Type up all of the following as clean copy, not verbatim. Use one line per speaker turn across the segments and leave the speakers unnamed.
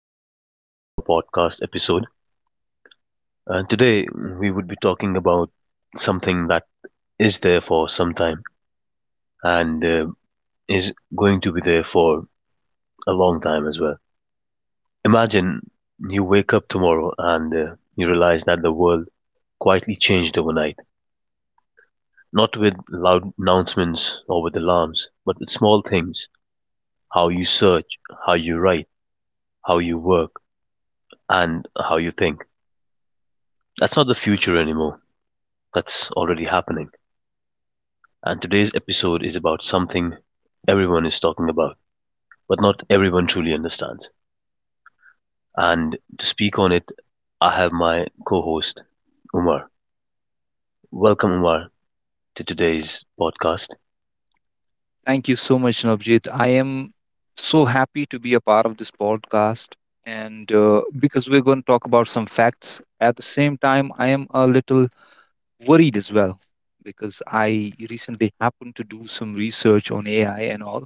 to another of our podcast episode. And today we would be talking about something that is there for some time and is going to be there for a long time as well. Imagine you wake up tomorrow and you realize that the world quietly changed overnight, not with loud announcements or with alarms, but with small things how you search, how you write, how you work, and how you think. That's not the future anymore. That's already happening. And today's episode is about something everyone is talking about, but not everyone truly understands. And to speak on it, I have my co host, Umar. Welcome, Umar, to today's podcast.
Thank you so much, Navjit. I am so happy to be a part of this podcast. And because we're going to talk about some facts, at the same time, I am a little worried as well, because I recently happened to do some research on AI and all.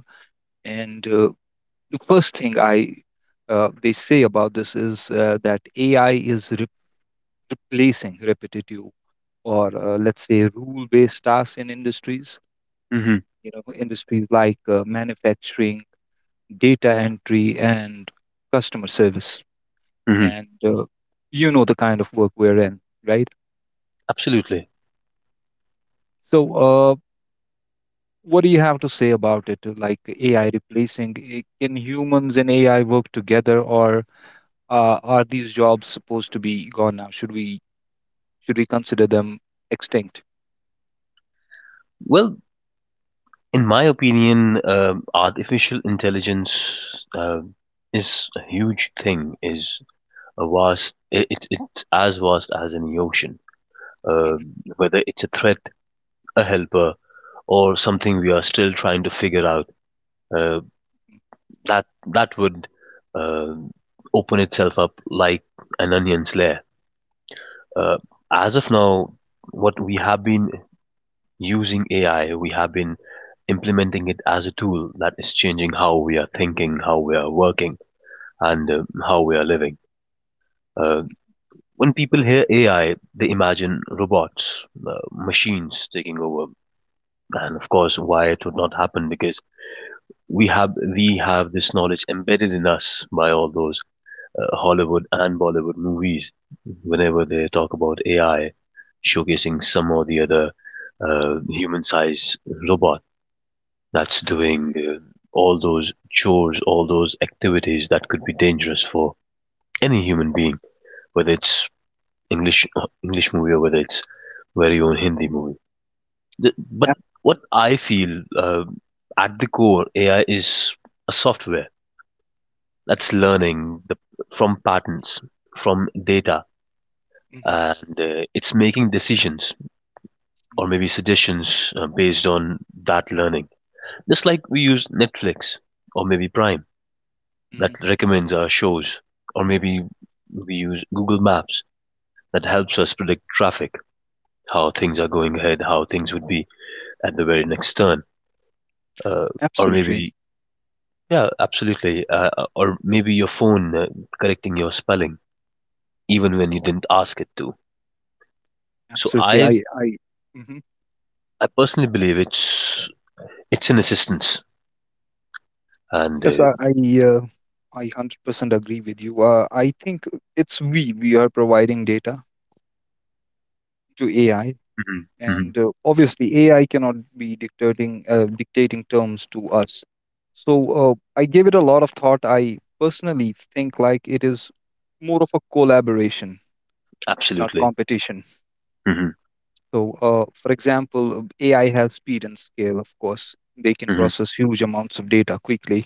And the first thing I they say about this is that AI is replacing repetitive or let's say rule-based tasks in industries.
Mm-hmm.
You know, industries like manufacturing, data entry, and customer service,
Mm-hmm.
and you know the kind of work we're in, right?
Absolutely.
So what do you have to say about it, like AI replacing, can humans and AI work together, or are these jobs supposed to be gone now? Should we consider them extinct?
Well, in my opinion, artificial intelligence is a huge thing. Is a vast. It's as vast as any ocean. Uh,
Mhm.
whether it's a threat, a helper, or something we are still trying to figure out, uh, that would uh, open itself up like an onion's layer. Uh, as of now, what we have been using AI, we have been implementing it as a tool that is changing how we are thinking, how we are working, and how we are living. Uh, when people hear AI, they imagine robots, machines taking over. And of course, why it would not happen because we have this knowledge embedded in us by all those Hollywood and Bollywood movies. Whenever they talk about AI, showcasing some or the other human-sized robot that's doing all those chores, all those activities that could be dangerous for any human being, whether it's English movie or whether it's very own Hindi movie. But
Ab-
what I feel at the core, AI is a software that's learning from patterns, from data,
mhm,
and it's making decisions or maybe suggestions based on that learning. Just like we use Netflix or maybe Prime that
mhm.
recommends our shows, or maybe we use Google Maps that helps us predict traffic, how things are going ahead, how things would be at the very next turn, uh, or
absolutely
maybe yeah, absolutely, or maybe your phone correcting your spelling even when you didn't ask it to. So
absolutely,
I
I mhm.
I personally believe it's an assistance, and
Yes, uh, I 100% agree with you. I think it's we are providing data to AI,
Mhm. Mhm.
and obviously AI cannot be dictating terms to us. So I gave it a lot of thought. I personally think like it is more of a collaboration, not
Absolutely.
competition.
Hmm.
So, for example, AI has speed and scale. Of course, they can
Hmm.
process huge amounts of data quickly,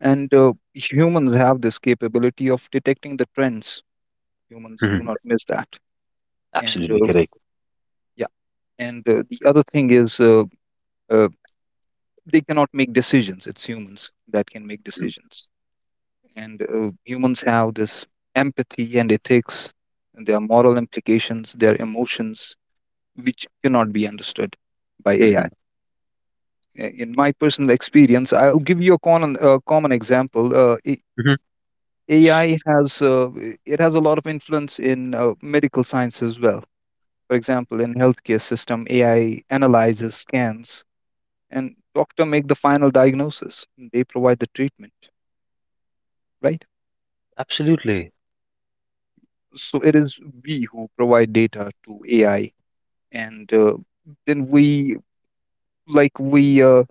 and humans have this capability of detecting the trends. Humans do
Hmm.
not miss that, and
Absolutely correct.
yeah. And the other thing is. Uh, they cannot make decisions. It's humans that can make
Hmm.
decisions, and humans have this empathy and ethics, and their moral implications, their emotions, which cannot be understood by AI.
Hmm.
In my personal experience, I'll give you a common example,
Hmm.
AI has it has a lot of influence in medical science as well. For example, in healthcare system, AI analyzes scans, and doctor make the final diagnosis. They provide the treatment, right?
Absolutely.
So it is we who provide data to AI, and then we, like we,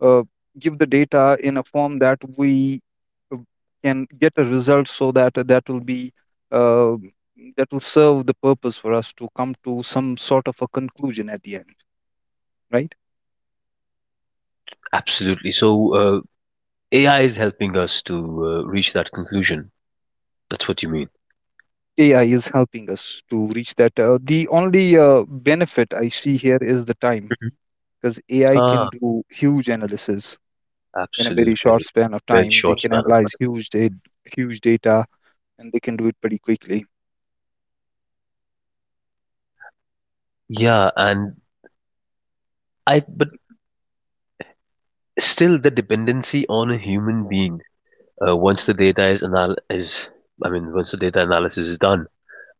uh, give the data in a form that we uh, can get a result, so that that will be uh, that will serve the purpose for us to come to some sort of a conclusion at the end, right?
Absolutely. So uh, AI is helping us to reach that conclusion. That's what you mean.
AI is helping us to reach that. The only benefit I see here is the time,
Hmm.
because AI can
Ah,
do huge analysis in a very short
absolutely.
span of
Very
time. They
short
can
span of
analyze
time.
huge data, and they can do it pretty quickly.
Yeah, and I but still the dependency on a human being once the data is anal is I mean once the data analysis is done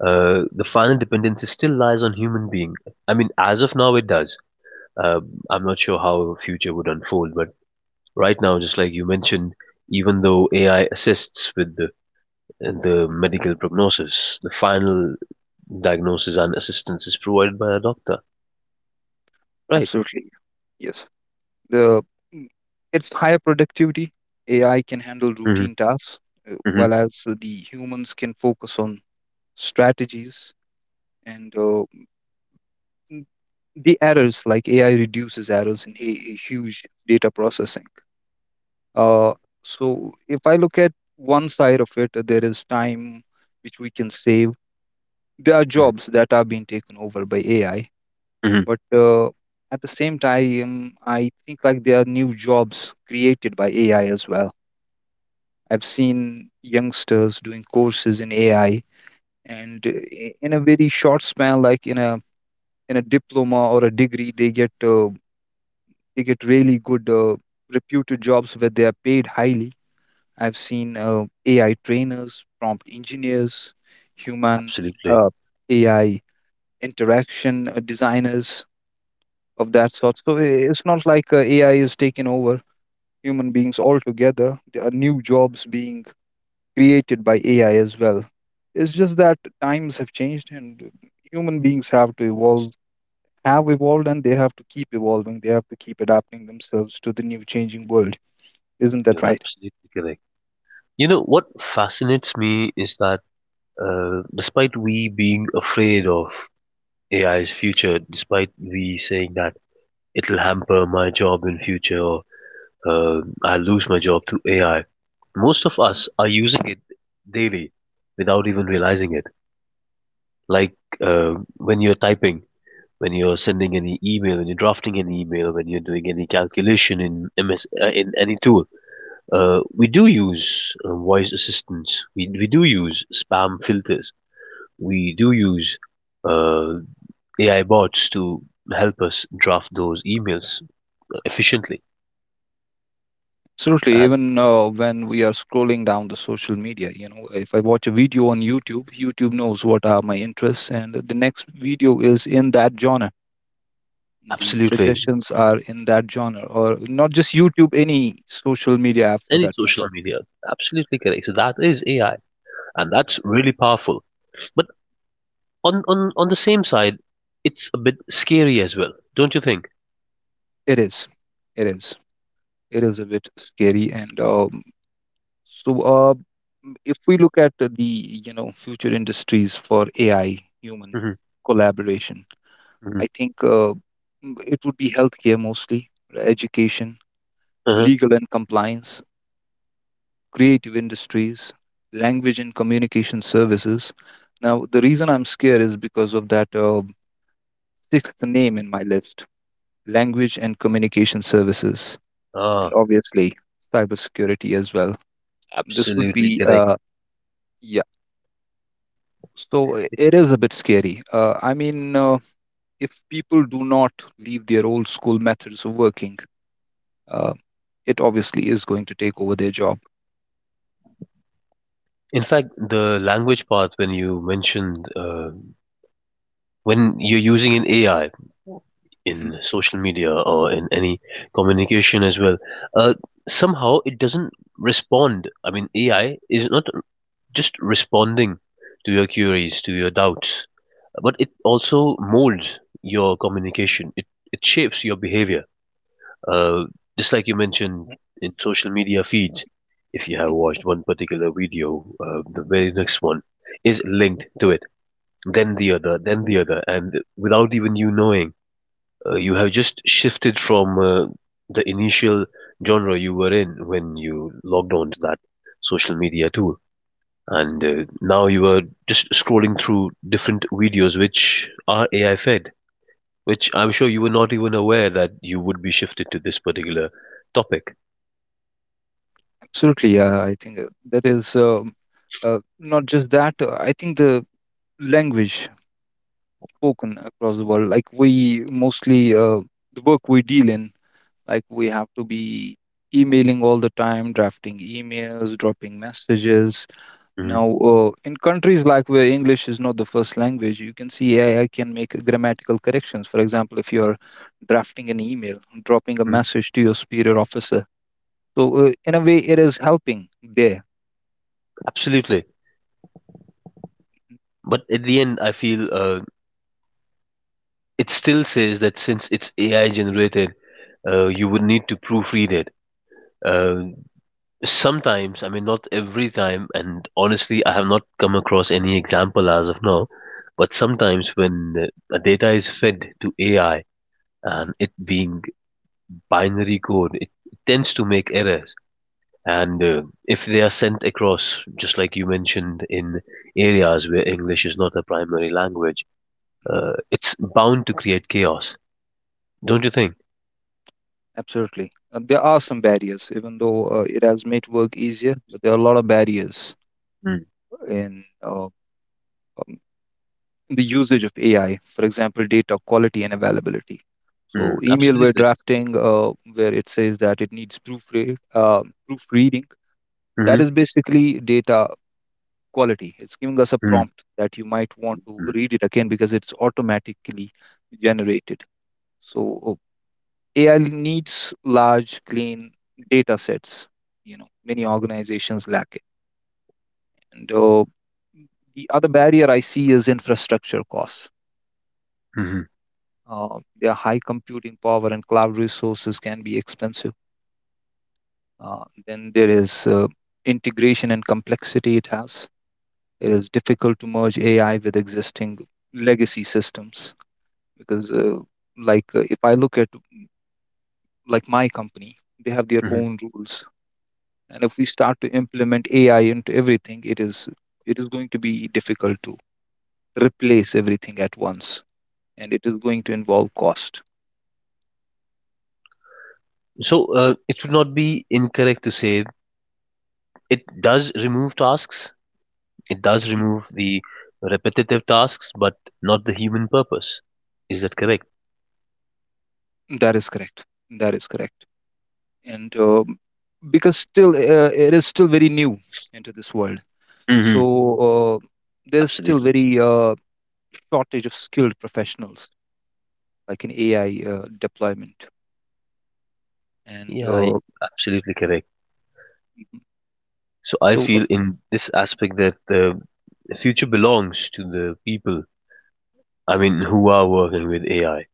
the final dependency still lies on human being. I mean, as of now, it does. Uh, I'm not sure how future would unfold, but right now, just like you mentioned, even though AI assists with the medical prognosis, the final diagnosis and assistance is provided by a doctor. Right.
Absolutely. Yes. the mm, it's higher productivity. AI can handle
Hmm.
routine tasks,
Hmm.
while as the humans can focus on strategies, and n- the errors, like AI reduces errors in a huge data processing. uh, so if I look at one side of it, there is time which we can save. There are
Hmm.
jobs that are being taken over by AI,
Hmm.
but at the same time, I think like there are new jobs created by AI as well. I've seen youngsters doing courses in AI, and in a very short span, like in a diploma or a degree, they get, really good, reputed jobs where they are paid highly. I've seen AI trainers, prompt engineers, human
Absolutely.
uh, AI interaction designers of that sort. So it's not like AI is taking over human beings altogether. There are new jobs being created by AI as well. It's just that times have changed, and human beings have to evolve, have evolved, and they have to keep evolving. They have to keep adapting themselves to the new changing world. Isn't that
You're
right?
absolutely correct. You know what fascinates me is that despite we being afraid of AI's future, despite we saying that it'll hamper my job in future or I'll lose my job to AI. Most of us are using it daily without even realizing it. Like when you're typing, when you're sending any email, when you're drafting an email, when you're doing any calculation in MS in any tool, we do use voice assistants. We do use spam filters. We do use uh, AI bots to help us draft those emails efficiently.
Absolutely.
And
Even when we are scrolling down the social media, you know, if I watch a video on YouTube, YouTube knows what are my interests, and the next video is in that genre. The
absolutely,
suggestions are in that genre, or not just YouTube, any social media app, for
any
that
social
matter.
media. Absolutely correct. So that is AI, and that's really powerful. But on the same side, it's a bit scary as well, don't you think?
it is it is it is a bit scary, and so, if we look at the future industries for AI human
Hmm.
collaboration, I
Hmm.
think it would be healthcare, mostly, education,
Uh-huh.
legal and compliance, creative industries, language and communication services. Now the reason I'm scared is because of that sixth name in my list, language and communication services, and
Ah,
obviously cybersecurity as well. This would
absolutely
be,
correct.
uh, yeah, so it is a bit scary. I mean, if people do not leave their old school methods of working, uh, it obviously is going to take over their job.
In fact, the language part when you mentioned when you're using an AI
Hmm.
in social media or in any communication as well, uh, somehow it doesn't respond. I mean, AI is not just responding to your queries, to your doubts, but it also molds your communication. It shapes your behavior. Uh, just like you mentioned in social media feeds, if you have
Hmm.
watched one particular video, the very next one is linked to it, then the other, and without even you knowing, you have just shifted from the initial genre you were in when you logged on to that social media tool and now you were just scrolling through different videos which are AI fed, which I'm sure you were not even aware that you would be shifted to this particular topic.
Absolutely, yeah, I think that is, uh, not just that. I think the language spoken across the world, like we mostly, the work we deal in. Like we have to be emailing all the time, drafting emails, dropping messages.
Hmm.
Now, in countries like where English is not the first language, you can see AI can make grammatical corrections. For example, if you're drafting an email, dropping a message to your superior officer. So, in a way, it is helping there.
Absolutely. But at the end, I feel it still says that since it's AI generated, you would need to proofread it. Uh, sometimes, I mean, not every time, and honestly, I have not come across any example as of now. But sometimes, when a data is fed to AI
Mhm,
and it being binary code, it tends to make errors. And if they are sent across, just like you mentioned, in areas where English is not a primary language,
mhm.
it's bound to create chaos, don't you think?
Absolutely. There are some barriers. Even though it has made work easier, but there are a lot of barriers
Mm,
in, um, the usage of AI, for example, data quality and availability. So
mm,
email we're
absolutely.
drafting, where it says that it needs proofreading. That
Hmm.
is basically data quality. It's giving us a
Mm, mm.
prompt that you might want to
Hmm. Hmm.
read it again because it's automatically generated. So AI needs large, clean data sets. You know, many organizations lack it. And the other barrier I see is infrastructure costs.
Mm-hmm.
Their high computing power and cloud resources can be expensive. Uh, then there is integration and complexity it has. It is difficult to merge AI with existing legacy systems, because, like, if I look at, like my company, they have their
Mm-hmm.
own rules, and if we start to implement AI into everything, it is, going to be difficult to replace everything at once, and it is going to involve cost.
So it would not be incorrect to say it does remove tasks, it does
Mhm.
remove the repetitive tasks, but not the human purpose. Is that correct?
That is correct. That is correct. And because still it is still very new into this world, so
Hmm.
uh, there's still
Absolutely.
very, shortage of skilled professionals like in AI deployment, and
Yeah, absolutely correct.
Mhm.
So I
So
feel in this aspect that the future belongs to the people, I mean, who are working with AI.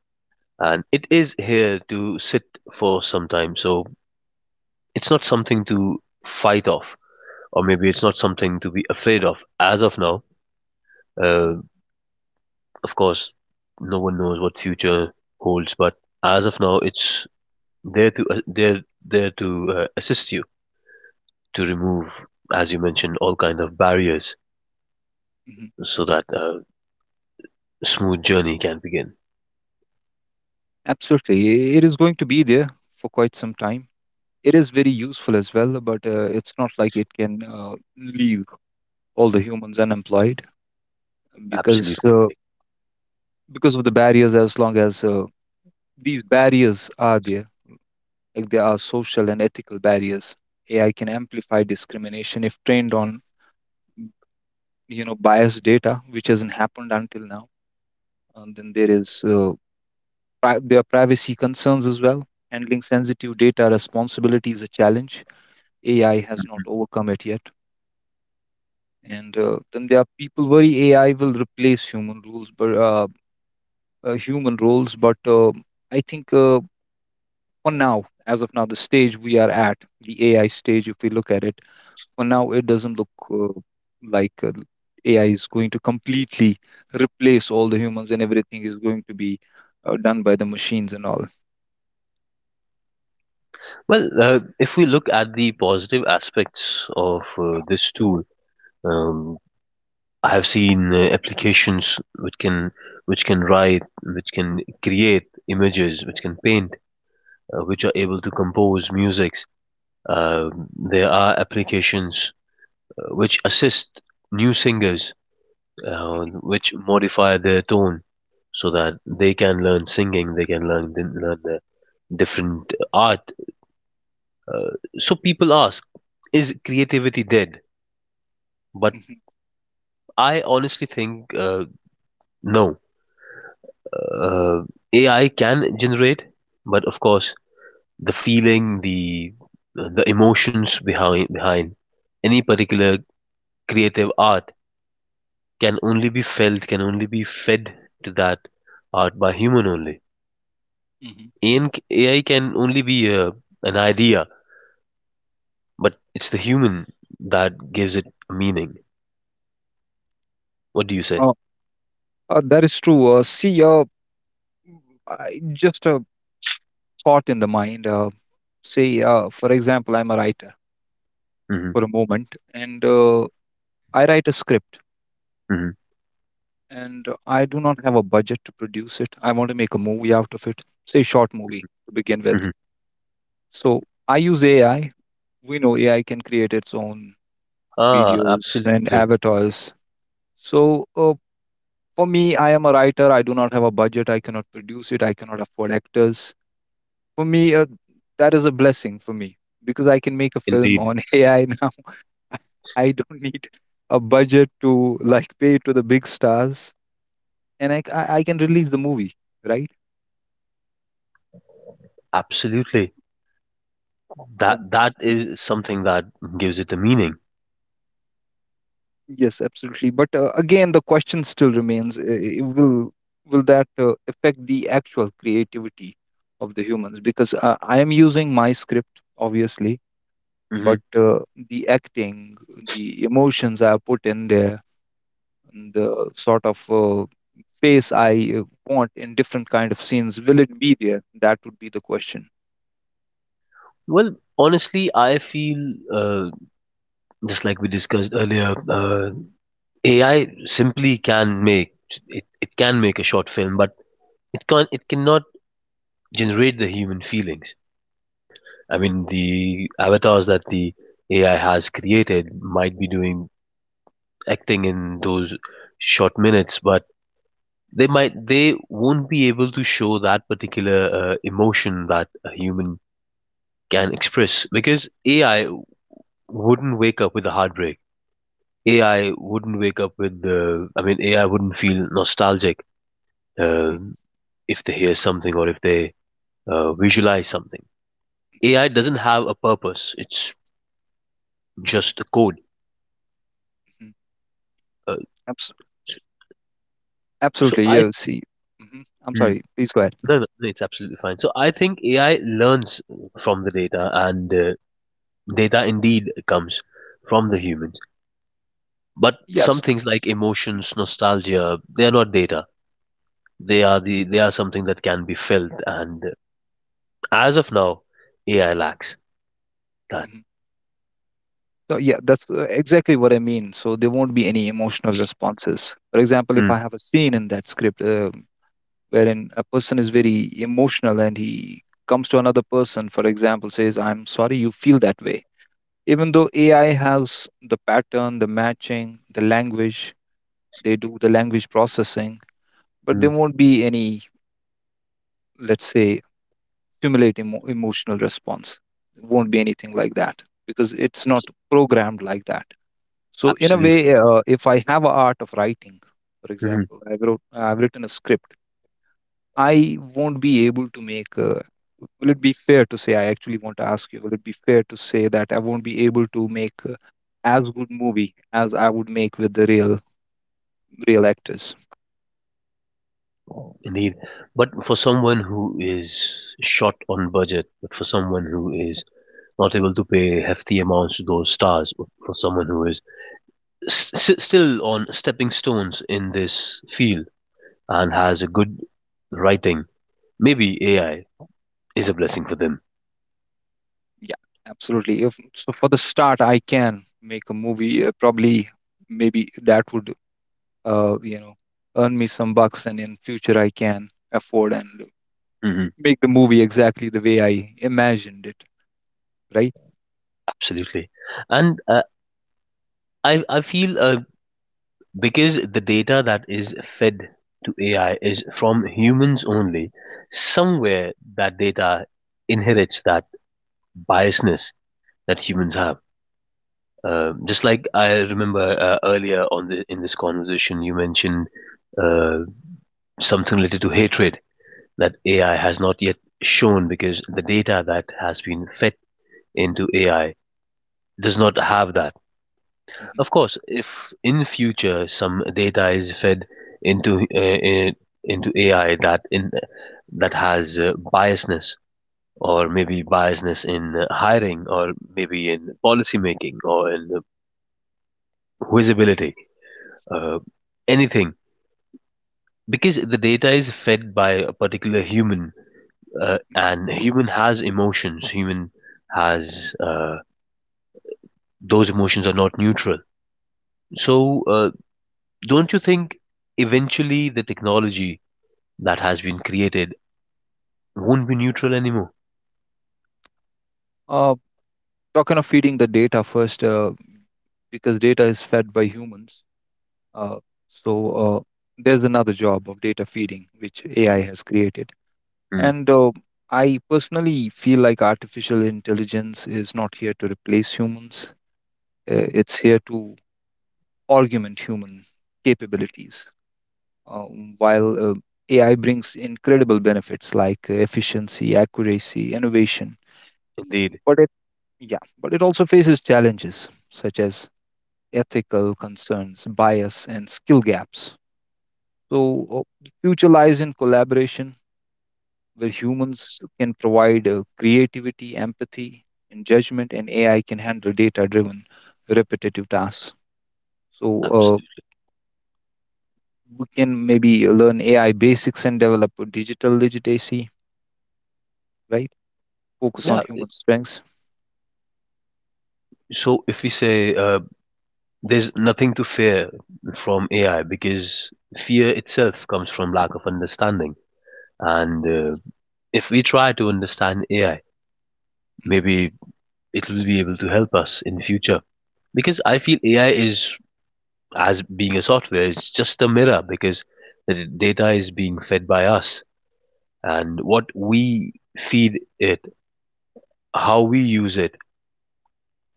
And it is here to sit for some time. So it's not something to fight off, or maybe it's not something to be afraid of as of now.
mhm,
Uh, of course, no one knows what future holds, but as of now, it's there to there there to assist you to remove, as you mentioned, all kind of barriers
mhm.
so that a smooth journey can begin.
Absolutely. It is going to be there for quite some time. It is very useful as well, but it's not like it can, leave all the humans unemployed, because
Absolutely
uh,
correct.
because of the barriers. As long as these barriers are there, like there are social and ethical barriers. AI can amplify discrimination if trained on, you know, biased data, which hasn't happened until now. And then there is there are privacy concerns as well. Handling sensitive data responsibility is a challenge. AI has not overcome it yet. And then there are people worry AI will replace human rules, but human roles. But I think, for now, as of now, the stage we are at, the AI stage, if we look at it, for now it doesn't look uh, like AI is going to completely replace all the humans and everything is going to be done by the machines and all.
Well, if we look at the positive aspects of this tool, um, I have seen applications which can write, which can create images, which can paint, which are able to compose musics. There are applications which assist new singers, which modify their tone so that they can learn singing, they can learn the different art. Uh, so people ask, is creativity dead? But
Mhm,
I honestly think no. Uh, AI can generate, but of course, the feeling, the emotions behind any particular creative art can only be felt, can only be fed to that art by human only.
mhm.
AI can only be an idea, but it's the human that gives it meaning. What do you say?
uh, that is true, see, mm, just a thought in the mind, say, for example, I'm a writer
Hmm.
for a moment, and I write a script,
Hmm.
and I do not have a budget to produce it. I want to make a movie out of it, say short movie to begin with. So I use AI. We know AI can create its own
Ah,
videos and
absolutely.
avatars. So for me, I am a writer. I do not have a budget. I cannot produce it. I cannot afford actors. For me, that is a blessing for me, because I can make a film
Indeed.
on AI now. I don't need a budget to, like, pay to the big stars, and I can release the movie, right.
Absolutely.
Uh,
That is something that gives it a meaning.
Yes, absolutely. But again, the question still remains: will that affect the actual creativity of the humans? Because I am using my script, obviously, but
Hmm.
the acting, the emotions I put in there, and the sort of face I want in different kind of scenes, will it be there? That would be the question.
Well, honestly, I feel uh, just like we discussed earlier, AI simply can make a short film, but it cannot generate the human feelings. I mean, the avatars that the AI has created might be doing acting in those short minutes, but they won't be able to show that particular emotion that a human can express because AI wouldn't wake up with a heartbreak. AI. Wouldn't wake up with the. I mean, AI wouldn't feel nostalgic
Hmm.
um if they hear something or if they visualize something.
Hmm.
AI doesn't have a purpose. It's just the code.
Hmm.
Uh,
Abs-
s- so
Absolutely.
I
Yeah.
think.
See. Hmm. I'm
Hmm.
sorry. Please go ahead.
No, no, no, it's absolutely fine. So I think AI learns from the data, and data indeed comes from the humans. But
Yes.
some things like
Mhm,
emotions, nostalgia, they are not data. They are they are something that can be felt. And as of now, AI lacks that.
mhm. No, yeah, that's exactly what I mean. So there won't be any emotional responses. For example, if
Mm,
I have a scene in that script wherein a person is very emotional and he comes to another person, for example, says, I'm sorry you feel that way. Even though AI has the pattern, the matching, the language, they do the language processing, but there
mm,
won't be any, let's say, stimulate emotional response. There won't be anything like that because it's not programmed like that. So in a way,
absolutely.
if I have a art of writing, for
Mhm.
example, I've written a script. I won't be able to make. Will it be fair to say? I actually want to ask you. Will it be fair to say that I won't be able to make as good movie as I would make with the real actors?
Indeed. But for someone who is short on budget, but for someone who is not able to pay hefty amounts to those stars, or for someone who is still on stepping stones in this field and has a good writing, maybe AI is a blessing for them.
Yeah, absolutely. If so, for the start, I can make a movie. Probably, maybe that would, uh, you know, earn me some bucks, and in future, I can afford and
Mhm.
make the movie exactly the way I imagined it, right?
Absolutely. And I feel because the data that is fed to AI is from humans only, somewhere that data inherits that biasness that humans have. Just like I remember earlier in this conversation, you mentioned uh, something related to hatred that AI has not yet shown because the data that has been fed into AI does not have that.
Hmm.
Of course, if in future some data is fed into uh, uh, into AI that has biasness or maybe biasness in hiring or maybe in policy making or in visibility, uh, anything, because the data is fed by a particular human and human has emotions human has those emotions are not neutral. So don't you think eventually the technology that has been created won't be neutral anymore.
Uh, talking of feeding the data first, because data is fed by humans, uh, so uh, there's another job of data feeding which AI has created.
Mm.
And I personally feel like artificial intelligence is not here to replace humans. It's here to argument human capabilities. Uh, while AI brings incredible benefits like efficiency, accuracy, innovation,
Indeed.
but but it also faces challenges such as ethical concerns, bias, and skill gaps. So the future lies in collaboration, where humans can provide creativity, empathy, and judgment, and AI can handle data-driven, repetitive tasks. So
Absolutely.
we can maybe learn AI basics and develop a digital literacy, right? Focus on
Yeah.
human strengths.
So if we say there's nothing to fear from AI because fear itself comes from lack of understanding, and if we try to understand AI,
Mhm.
maybe it will be able to help us in future. Because I feel AI is as being a software, it's just a mirror because the data is being fed by us and what we feed it, how we use it.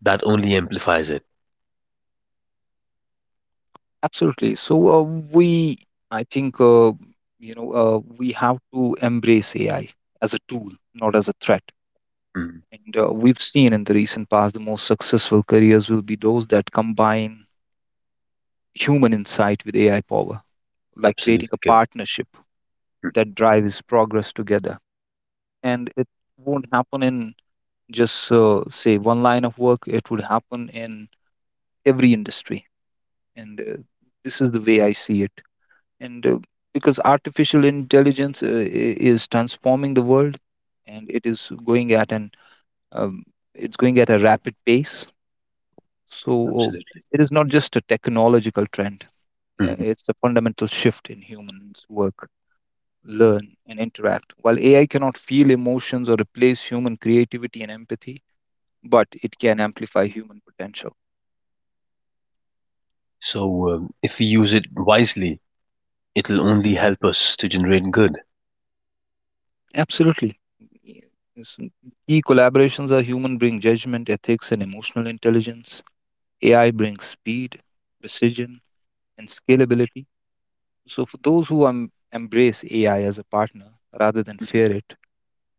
That only amplifies it.
Absolutely. We, I think, we have to embrace AI as a tool, not as a threat.
Mhm.
And we've seen in the recent past, the most successful careers will be those that combine human insight with AI power, like creating a
Absolutely correct.
partnership that drives progress together. And it won't happen in just say one line of work, it would happen in every industry. And this is the way I see it. And because artificial intelligence is transforming the world and it is going at an um, it's going at a rapid pace. So uh,
Absolutely.
it is not just a technological trend. uh,
Mhm.
It's a fundamental shift in humans' work, learn, and interact. While AI cannot feel emotions or replace human creativity and empathy, but it can amplify human potential.
So, if we use it wisely, it'll
Mhm.
only help us to generate good.
Absolutely. Y- yes, mm, key collaborations are human bring judgment, ethics, and emotional intelligence. AI brings speed, precision, and scalability. So, for those who embrace AI as a partner rather than fear it,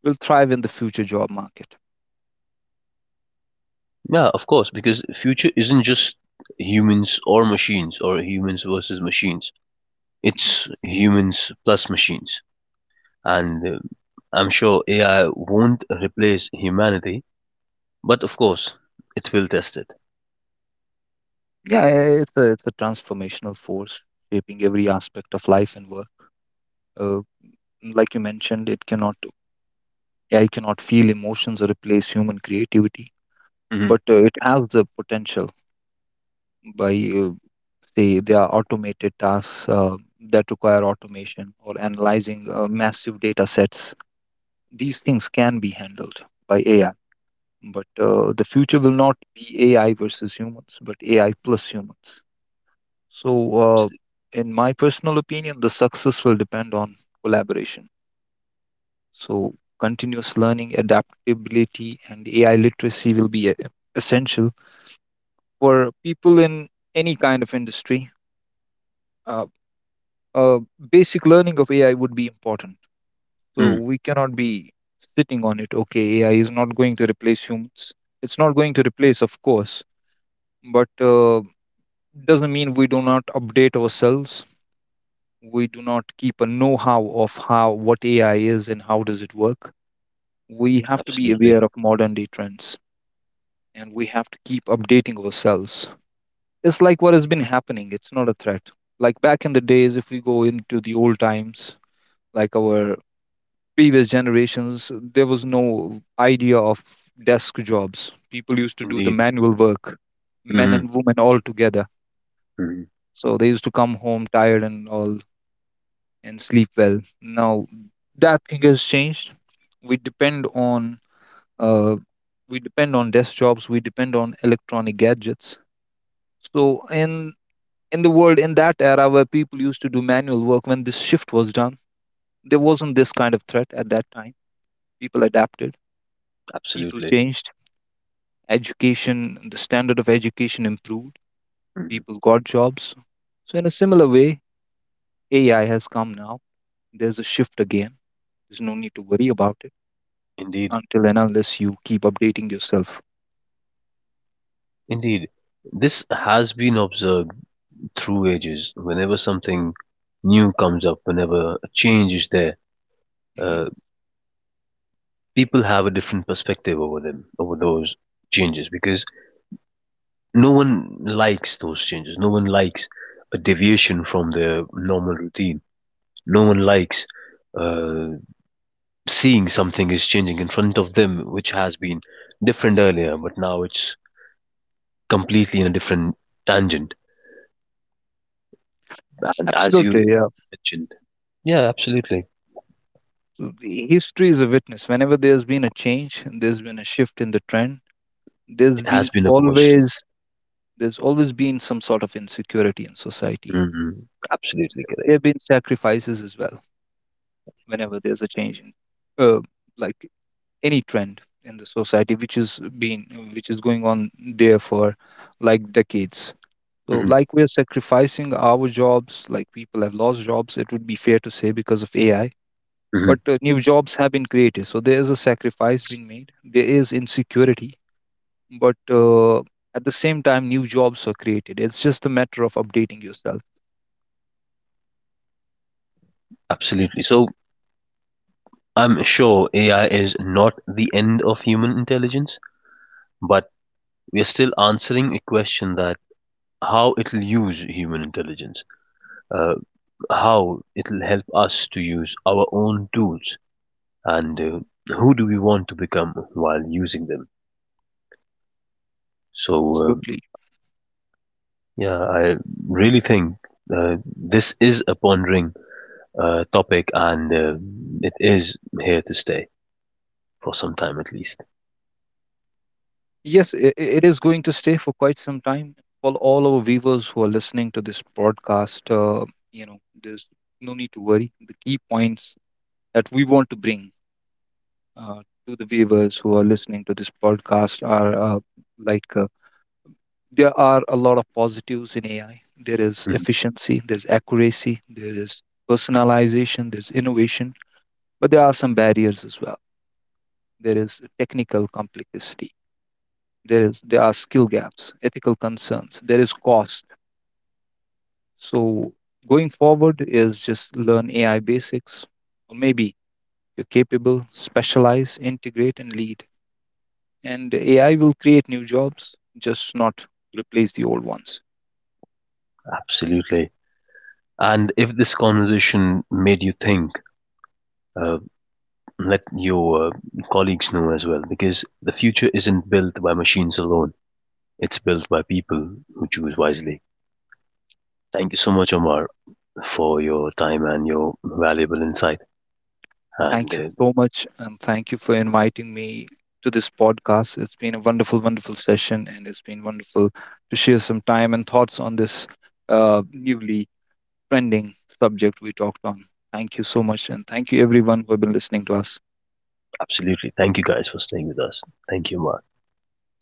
will thrive in the future job market.
Yeah, of course, because future isn't just humans or machines or humans versus machines.
Mhm.
It's humans plus machines. And I'm sure AI won't replace humanity, but of course, it will test it.
Yeah, it's a transformational force shaping every aspect of life and work. Uh, like you mentioned, it cannot AI cannot feel emotions or replace human creativity,
Hmm.
but it has the potential by say there are automated tasks that require automation or analyzing massive data sets. These things can be handled by AI, but the future will not be AI versus humans, but AI plus humans. So uh,
Absolutely.
in my personal opinion, the success will depend on collaboration. So continuous learning, adaptability, and AI literacy will be essential for people in any kind of industry. Uh, uh, basic learning of AI would be important. So
Mm.
we cannot be sitting on it. Okay, AI is not going to replace humans. It's not going to replace, of course, but doesn't mean we do not update ourselves. We do not keep a know-how of how what AI is and how does it work. We have to be
Absolutely.
aware of modern day trends, and we have to keep updating ourselves. It's like what has been happening. It's not a threat. Like back in the days, if we go into the old times, like our previous generations, there was no idea of desk jobs. People used to do the
Indeed.
manual work, men
Hmm.
and women all together.
Hmm.
So they used to come home tired and all and sleep well. Now that thing has changed. We depend on uh, desk jobs, we depend on electronic gadgets. So in in the world, in that era where people used to do manual work, when this shift was done, there wasn't this kind of threat at that time. People adapted, people
Absolutely.
changed. Education, the standard of education improved,
Hmm.
people got jobs. So, in a similar way, AI has come now. There's a shift again. There's no need to worry about it
Indeed.
until and unless you keep updating yourself.
Indeed, this has been observed through ages. Whenever something new comes up, whenever a change is there,
Hmm.
uh, people have a different perspective over them, over those changes, because no one likes those changes. No one likes a deviation from their normal routine. No one likes uh, seeing something is changing in front of them, which has been different earlier, but now it's completely in a different tangent. And as
Absolutely,
you
yeah.
mentioned, yeah, absolutely.
So the History is a witness. Whenever there's been a change, there's been a shift in the trend. There's
It
been
has been opposed.
always there's always been some sort of insecurity in society.
Mhm. Absolutely
There
correct.
have been sacrifices as well. Whenever there's a change in, uh, like any trend in the society which is going on there for like decades. So
Hmm.
like we're sacrificing our jobs, like people have lost jobs, it would be fair to say, because of AI.
Hmm.
But new jobs have been created. So there is a sacrifice being made, there is insecurity, but at the same time new jobs are created. It's just a matter of updating yourself.
Absolutely. So I'm sure AI is not the end of human intelligence, but we are still answering a question that how it'll use human intelligence, uh, how it'll help us to use our own tools, and who do we want to become while using them. So um
Absolutely.
yeah, I really think uh, this is a pondering topic, and it is here to stay for some time at least.
Yes, it is going to stay for quite some time. For all our viewers who are listening to this broadcast, you know, there's no need to worry. The key points that we want to bring uh, to the viewers who are listening to this podcast are like uh, there are a lot of positives in AI. There is
Mhm.
efficiency, there's accuracy, there is personalization, there's innovation, but there are some barriers as well. There is technical complexity, there are skill gaps, ethical concerns, there is cost. So going forward is just learn AI basics, or maybe you're capable, specialize, integrate, and lead. And AI will create new jobs, just not replace the old ones.
Absolutely. And if this conversation made you think, uh, let your colleagues know as well, because the future isn't built by machines alone. It's built by people who choose wisely. Thank you so much, Omar, for your time and your valuable insight. And
Thank you so much, and thank you for inviting me to this podcast. It's been a wonderful, wonderful session, and it's been wonderful to share some time and thoughts on this newly trending subject we talked on. Thank you so much, and thank you everyone who have been listening to us.
absolutely, thank you guys for staying with us. Thank you, Omar.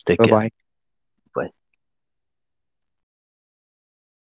Take
Bye
care.
bye.
Bye.